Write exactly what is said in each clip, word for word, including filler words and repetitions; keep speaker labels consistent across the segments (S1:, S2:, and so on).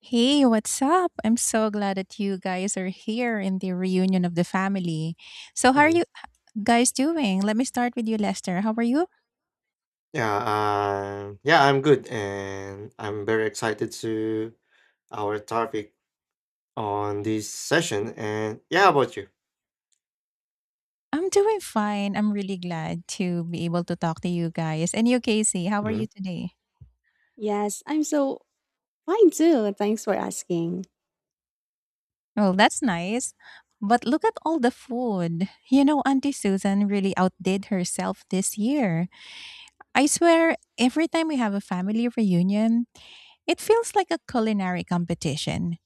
S1: Hey, what's up? I'm so glad that you guys are here in the reunion of the family. So, how are
S2: Mhm.
S1: you guys doing? Let me start with you, Lester. How are you?
S2: Yeah, um, yeah, I'm good, and I'm very excited to our topic on this session. And yeah, about you?
S1: I'm doing fine. I'm really glad to be able to talk to you guys. And you, Casey, how are you
S2: Mhm.
S1: today?
S3: Yes, I'm so fine too. Thanks for asking.
S1: Well, that's nice. But look at all the food. You know, Auntie Susan really outdid herself this year. I swear, every time we have a family reunion, it feels like a culinary competition.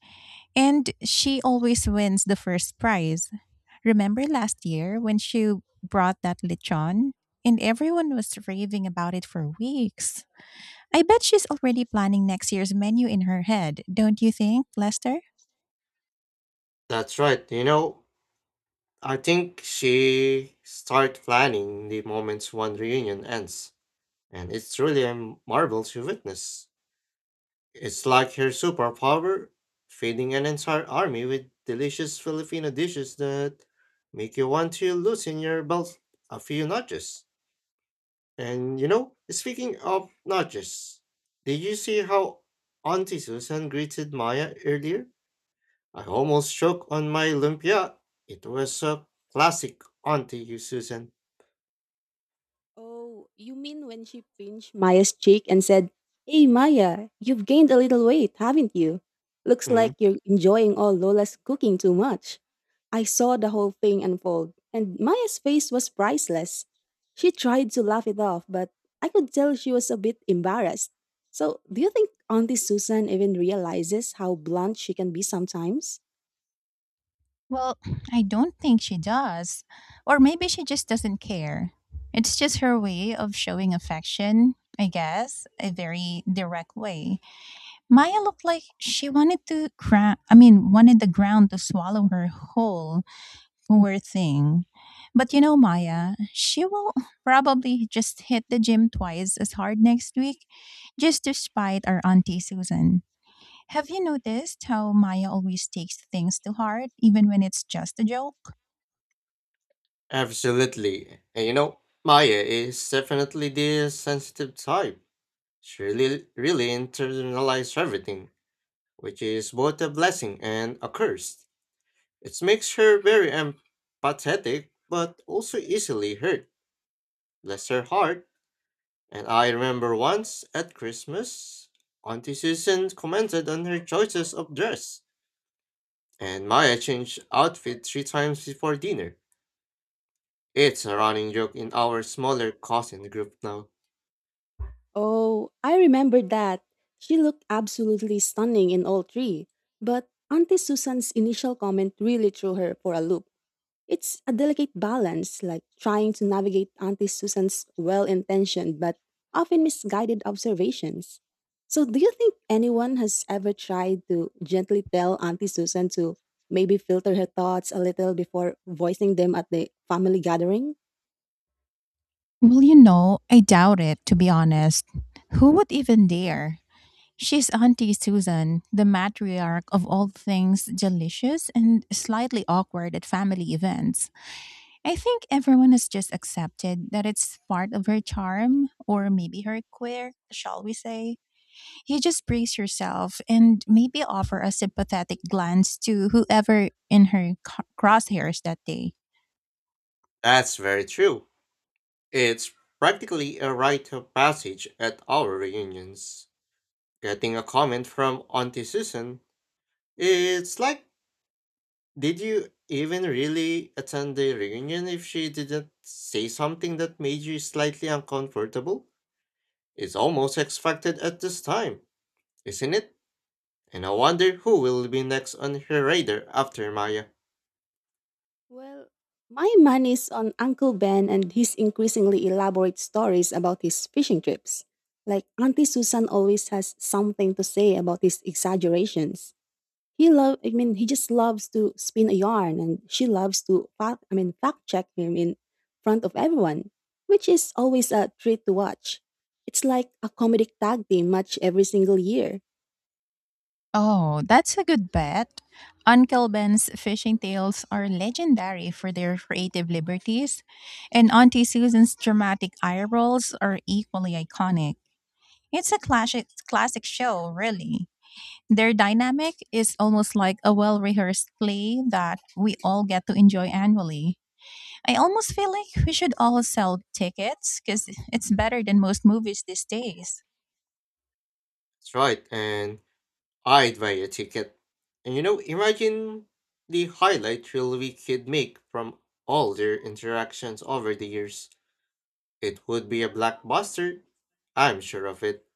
S1: And she always wins the first prize. Remember last year when she brought that lechon? And everyone was raving about it for weeks. I bet she's already planning next year's menu in her head, don't you think, Lester?
S2: That's right. You know, I think she start planning the moments one reunion ends, and it's really a marvel to witness. It's like her superpower feeding an entire army with delicious Filipino dishes that make you want to loosen your belt a few notches. And you know, speaking of nudges, did you see how Auntie Susan greeted Maya earlier? I almost choked on my lumpia. It was a classic Auntie Susan.
S3: Oh, you mean when she pinched Maya's cheek and said, "Hey, Maya, you've gained a little weight, haven't you? Looks
S2: Mhm.
S3: like you're enjoying all Lola's cooking too much." I saw the whole thing unfold, and Maya's face was priceless. She tried to laugh it off, but I could tell she was a bit embarrassed. So, do you think Auntie Susan even realizes how blunt she can be sometimes?
S1: Well, I don't think she does. Or maybe she just doesn't care. It's just her way of showing affection, I guess, a very direct way. Maya looked like she wanted to cra- I mean, wanted the ground to swallow her whole, poor thing. But you know, Maya, she will probably just hit the gym twice as hard next week, just to spite our Auntie Susan. Have you noticed how Maya always takes things to heart, even when it's just a joke?
S2: Absolutely. And you know, Maya is definitely the sensitive type. She really, really internalized everything, which is both a blessing and a curse. It makes her very empathetic, but also easily hurt. Bless her heart. And I remember once at Christmas, Auntie Susan commented on her choices of dress, and Maya changed outfit three times before dinner. It's a running joke in our smaller cousin group now.
S3: Oh, I remember that. She looked absolutely stunning in all three. But Auntie Susan's initial comment really threw her for a loop. It's a delicate balance, like trying to navigate Auntie Susan's well intentioned but often misguided observations. So, do you think anyone has ever tried to gently tell Auntie Susan to maybe filter her thoughts a little before voicing them at the family gathering?
S1: Well, you know, I doubt it, to be honest. Who would even dare? She's Auntie Susan, the matriarch of all things delicious and slightly awkward at family events. I think everyone has just accepted that it's part of her charm, or maybe her quirk, shall we say. You just brace yourself and maybe offer a sympathetic glance to whoever in her c- crosshairs that day.
S2: That's very true. It's practically a rite of passage at our reunions. Getting a comment from Auntie Susan, it's like, did you even really attend the reunion if she didn't say something that made you slightly uncomfortable? It's almost expected at this time, isn't it? And I wonder who will be next on her radar after Maya.
S3: Well, my mind is on Uncle Ben and his increasingly elaborate stories about his fishing trips. Like Auntie Susan always has something to say about his exaggerations. He love I mean he just loves to spin a yarn, and she loves to fact I mean fact check him in front of everyone, which is always a treat to watch. It's like a comedic tag team match every single year.
S1: Oh, that's a good bet. Uncle Ben's fishing tales are legendary for their creative liberties, and Auntie Susan's dramatic eye rolls are equally iconic. It's a classic classic show, really. Their dynamic is almost like a well-rehearsed play that we all get to enjoy annually. I almost feel like we should all sell tickets, because it's better than most movies these days.
S2: That's right, and I'd buy a ticket. And you know, imagine the highlight reel we could make from all their interactions over the years. It would be a blockbuster, I'm sure of it.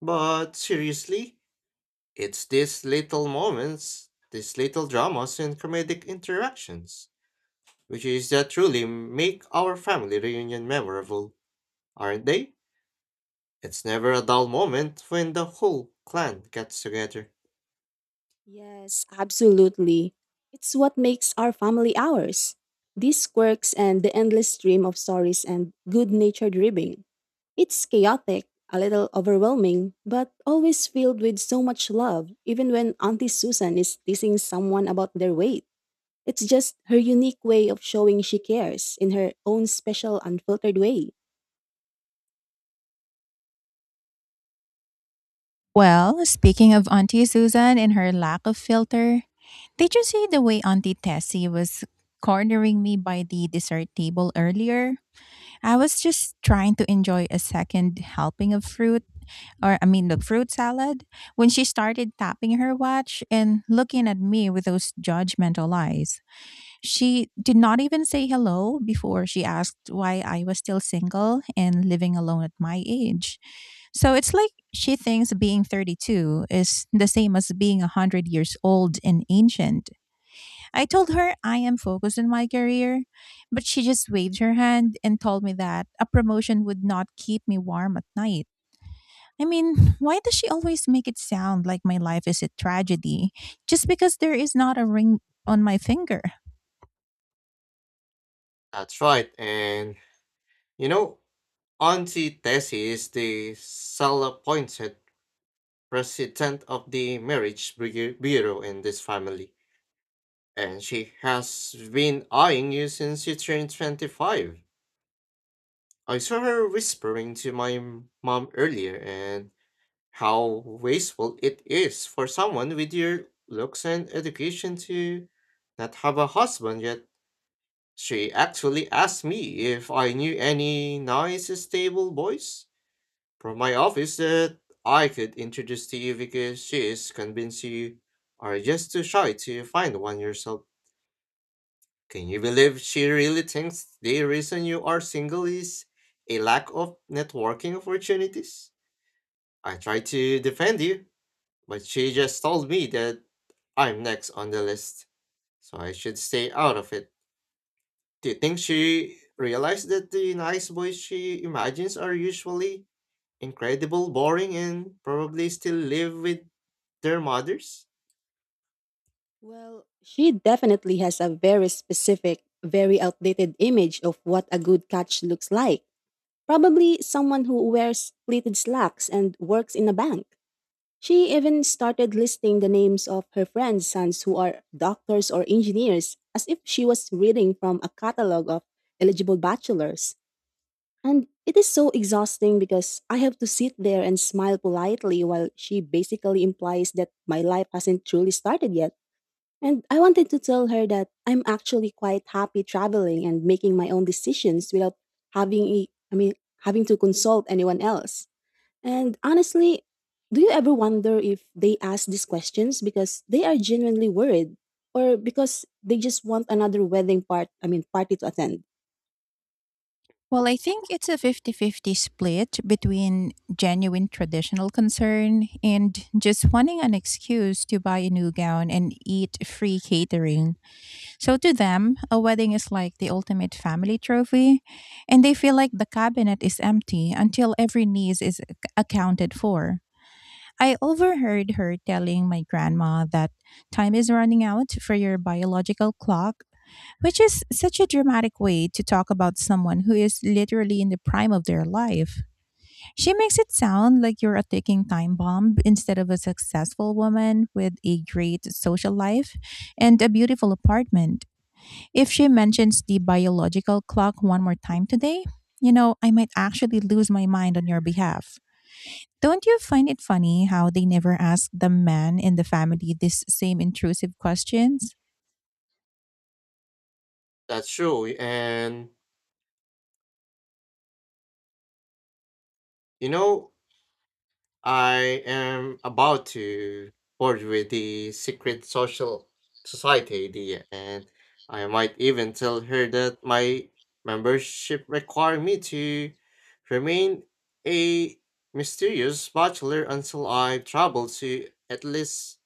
S2: But seriously, it's these little moments, these little dramas and comedic interactions which is that truly make our family reunion memorable, aren't they? It's never a dull moment when the whole clan gets together.
S3: Yes, absolutely. It's what makes our family ours. These quirks and the endless stream of stories and good natured ribbing. It's chaotic, a little overwhelming, but always filled with so much love, even when Auntie Susan is teasing someone about their weight. It's just her unique way of showing she cares in her own special, unfiltered way.
S1: Well, speaking of Auntie Susan and her lack of filter, did you see the way Auntie Tessie was cornering me by the dessert table earlier? I was just trying to enjoy a second helping of fruit, or I mean, the fruit salad, when she started tapping her watch and looking at me with those judgmental eyes. She did not even say hello before she asked why I was still single and living alone at my age. So it's like she thinks being thirty-two is the same as being one hundred years old and ancient. I told her I am focused on my career, but she just waved her hand and told me that a promotion would not keep me warm at night. I mean, why does she always make it sound like my life is a tragedy just because there is not a ring on my finger?
S2: That's right, and you know, Auntie Tessie is the self-appointed president of the marriage Brigade bureau in this family, and she has been eyeing you since you turned twenty-five. I saw her whispering to my m- mom earlier, and how wasteful it is for someone with your looks and education to not have a husband yet. She actually asked me if I knew any nice, stable boys from my office that I could introduce to you because she is convinced you are just too shy to find one yourself. Can you believe she really thinks the reason you are single is a lack of networking opportunities? I try to defend you, but she just told me that I'm next on the list, so I should stay out of it. Do you think she realized that the nice boys she imagines are usually incredible, boring, and probably still live with their mothers?
S3: Well, she definitely has a very specific, very outdated image of what a good catch looks like. Probably someone who wears pleated slacks and works in a bank. She even started listing the names of her friends' sons who are doctors or engineers as if she was reading from a catalog of eligible bachelors. And it is so exhausting because I have to sit there and smile politely while she basically implies that my life hasn't truly started yet. And I wanted to tell her that I'm actually quite happy traveling and making my own decisions without having a, I mean having to consult anyone else. And honestly, do you ever wonder if they ask these questions because they are genuinely worried or because they just want another wedding part, I mean party to attend?
S1: Well, I think it's a fifty-fifty split between genuine traditional concern and just wanting an excuse to buy a new gown and eat free catering. So to them, a wedding is like the ultimate family trophy, and they feel like the cabinet is empty until every niece is ac- accounted for. I overheard her telling my grandma that time is running out for your biological clock, which is such a dramatic way to talk about someone who is literally in the prime of their life. She makes it sound like you're a ticking time bomb instead of a successful woman with a great social life and a beautiful apartment. If she mentions the biological clock one more time today, you know, I might actually lose my mind on your behalf. Don't you find it funny how they never ask the man in the family this same intrusive questions?
S2: That's true, and you know, I am about to forge with the secret social society idea, and I might even tell her that my membership require me to remain a mysterious bachelor until I travel to at least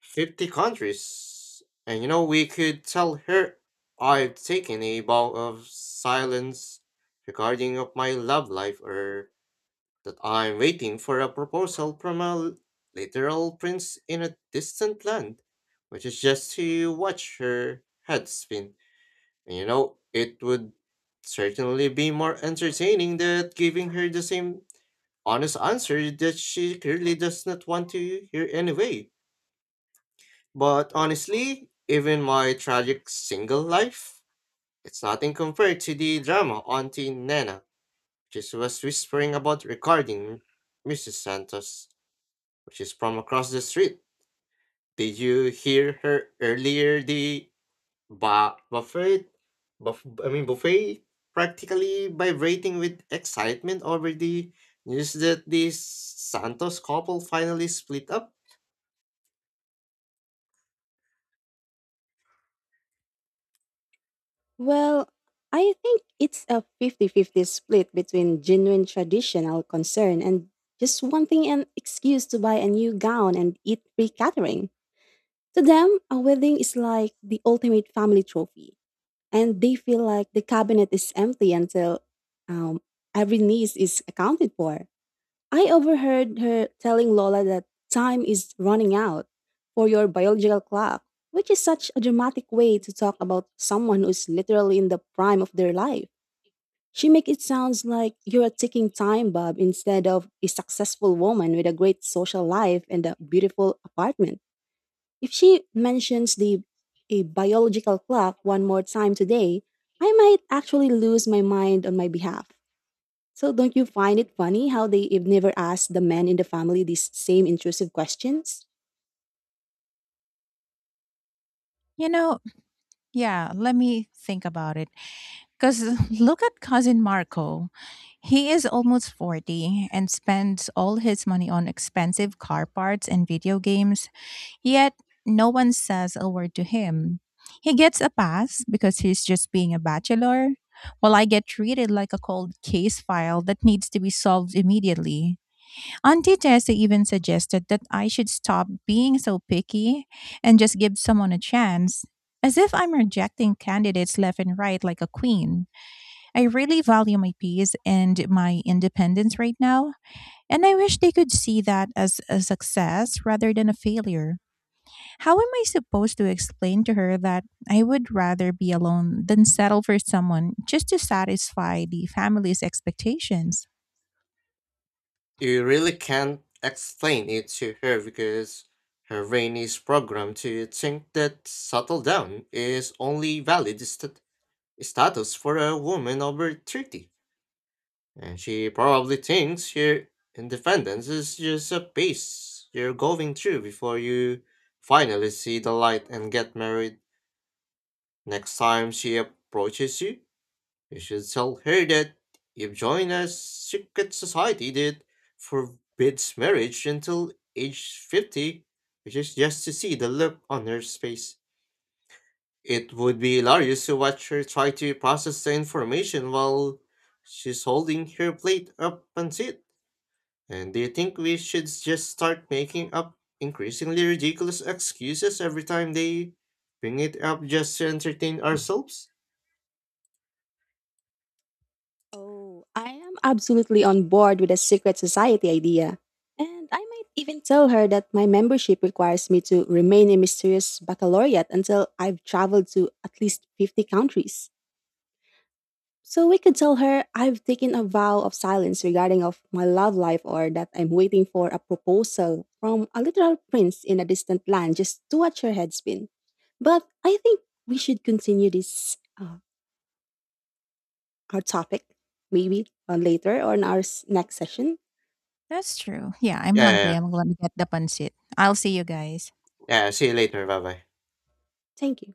S2: fifty countries. And you know, we could tell her I've taken a vow of silence regarding of my love life or that I'm waiting for a proposal from a l- literal prince in a distant land, which is just to watch her head spin. And you know, it would certainly be more entertaining than giving her the same honest answer that she clearly does not want to hear anyway. But honestly, even my tragic single life, it's nothing compared to the drama Auntie Nana just was whispering about recording missus Santos, which is from across the street. Did you hear her earlier? The ba- buffet, buff- I mean buffet, practically vibrating with excitement over the news that the Santos couple finally split up.
S3: Well, I think it's a fifty-fifty split between genuine traditional concern and just wanting an excuse to buy a new gown and eat free catering. To them, a wedding is like the ultimate family trophy, and they feel like the cabinet is empty until um, every niece is accounted for. I overheard her telling Lola that time is running out for your biological clock, which is such a dramatic way to talk about someone who's literally in the prime of their life. She makes it sounds like you're a ticking time bomb instead of a successful woman with a great social life and a beautiful apartment. If she mentions the a biological clock one more time today, I might actually lose my mind on my behalf. So don't you find it funny how they have never asked the men in the family these same intrusive questions?
S1: You know, yeah, let me think about it. Because look at cousin Marco. He is almost forty and spends all his money on expensive car parts and video games. Yet, no one says a word to him. He gets a pass because he's just being a bachelor, while I get treated like a cold case file that needs to be solved immediately. Auntie Tessa even suggested that I should stop being so picky and just give someone a chance. As if I'm rejecting candidates left and right like a queen. I really value my peace and my independence right now, and I wish they could see that as a success rather than a failure. How am I supposed to explain to her that I would rather be alone than settle for someone just to satisfy the family's expectations?
S2: You really can't explain it to her because her brain is programmed to think that settle down is only valid st- status for a woman over thirty. And she probably thinks your independence is just a phase you're going through before you finally see the light and get married. Next time she approaches you, you should tell her that you've joined a secret society that forbids marriage until age fifty, which is just to see the look on her face. It would be hilarious to watch her try to process the information while she's holding her plate up and sit. And do you think we should just start making up increasingly ridiculous excuses every time they bring it up just to entertain ourselves?
S3: Oh, I am absolutely on board with the secret society idea. And I might even tell her that my membership requires me to remain a mysterious baccalaureate until I've traveled to at least fifty countries. So we could tell her I've taken a vow of silence regarding of my love life, or that I'm waiting for a proposal from a literal prince in a distant land, just to watch her head spin. But I think we should continue this uh, our topic, maybe uh, later on our s- next session.
S1: That's true. Yeah, I'm
S2: Yeah, yeah,
S1: hungry.
S2: yeah.
S1: I'm going to get the pancit. I'll see you guys.
S2: Yeah, see you later. Bye bye.
S3: Thank you.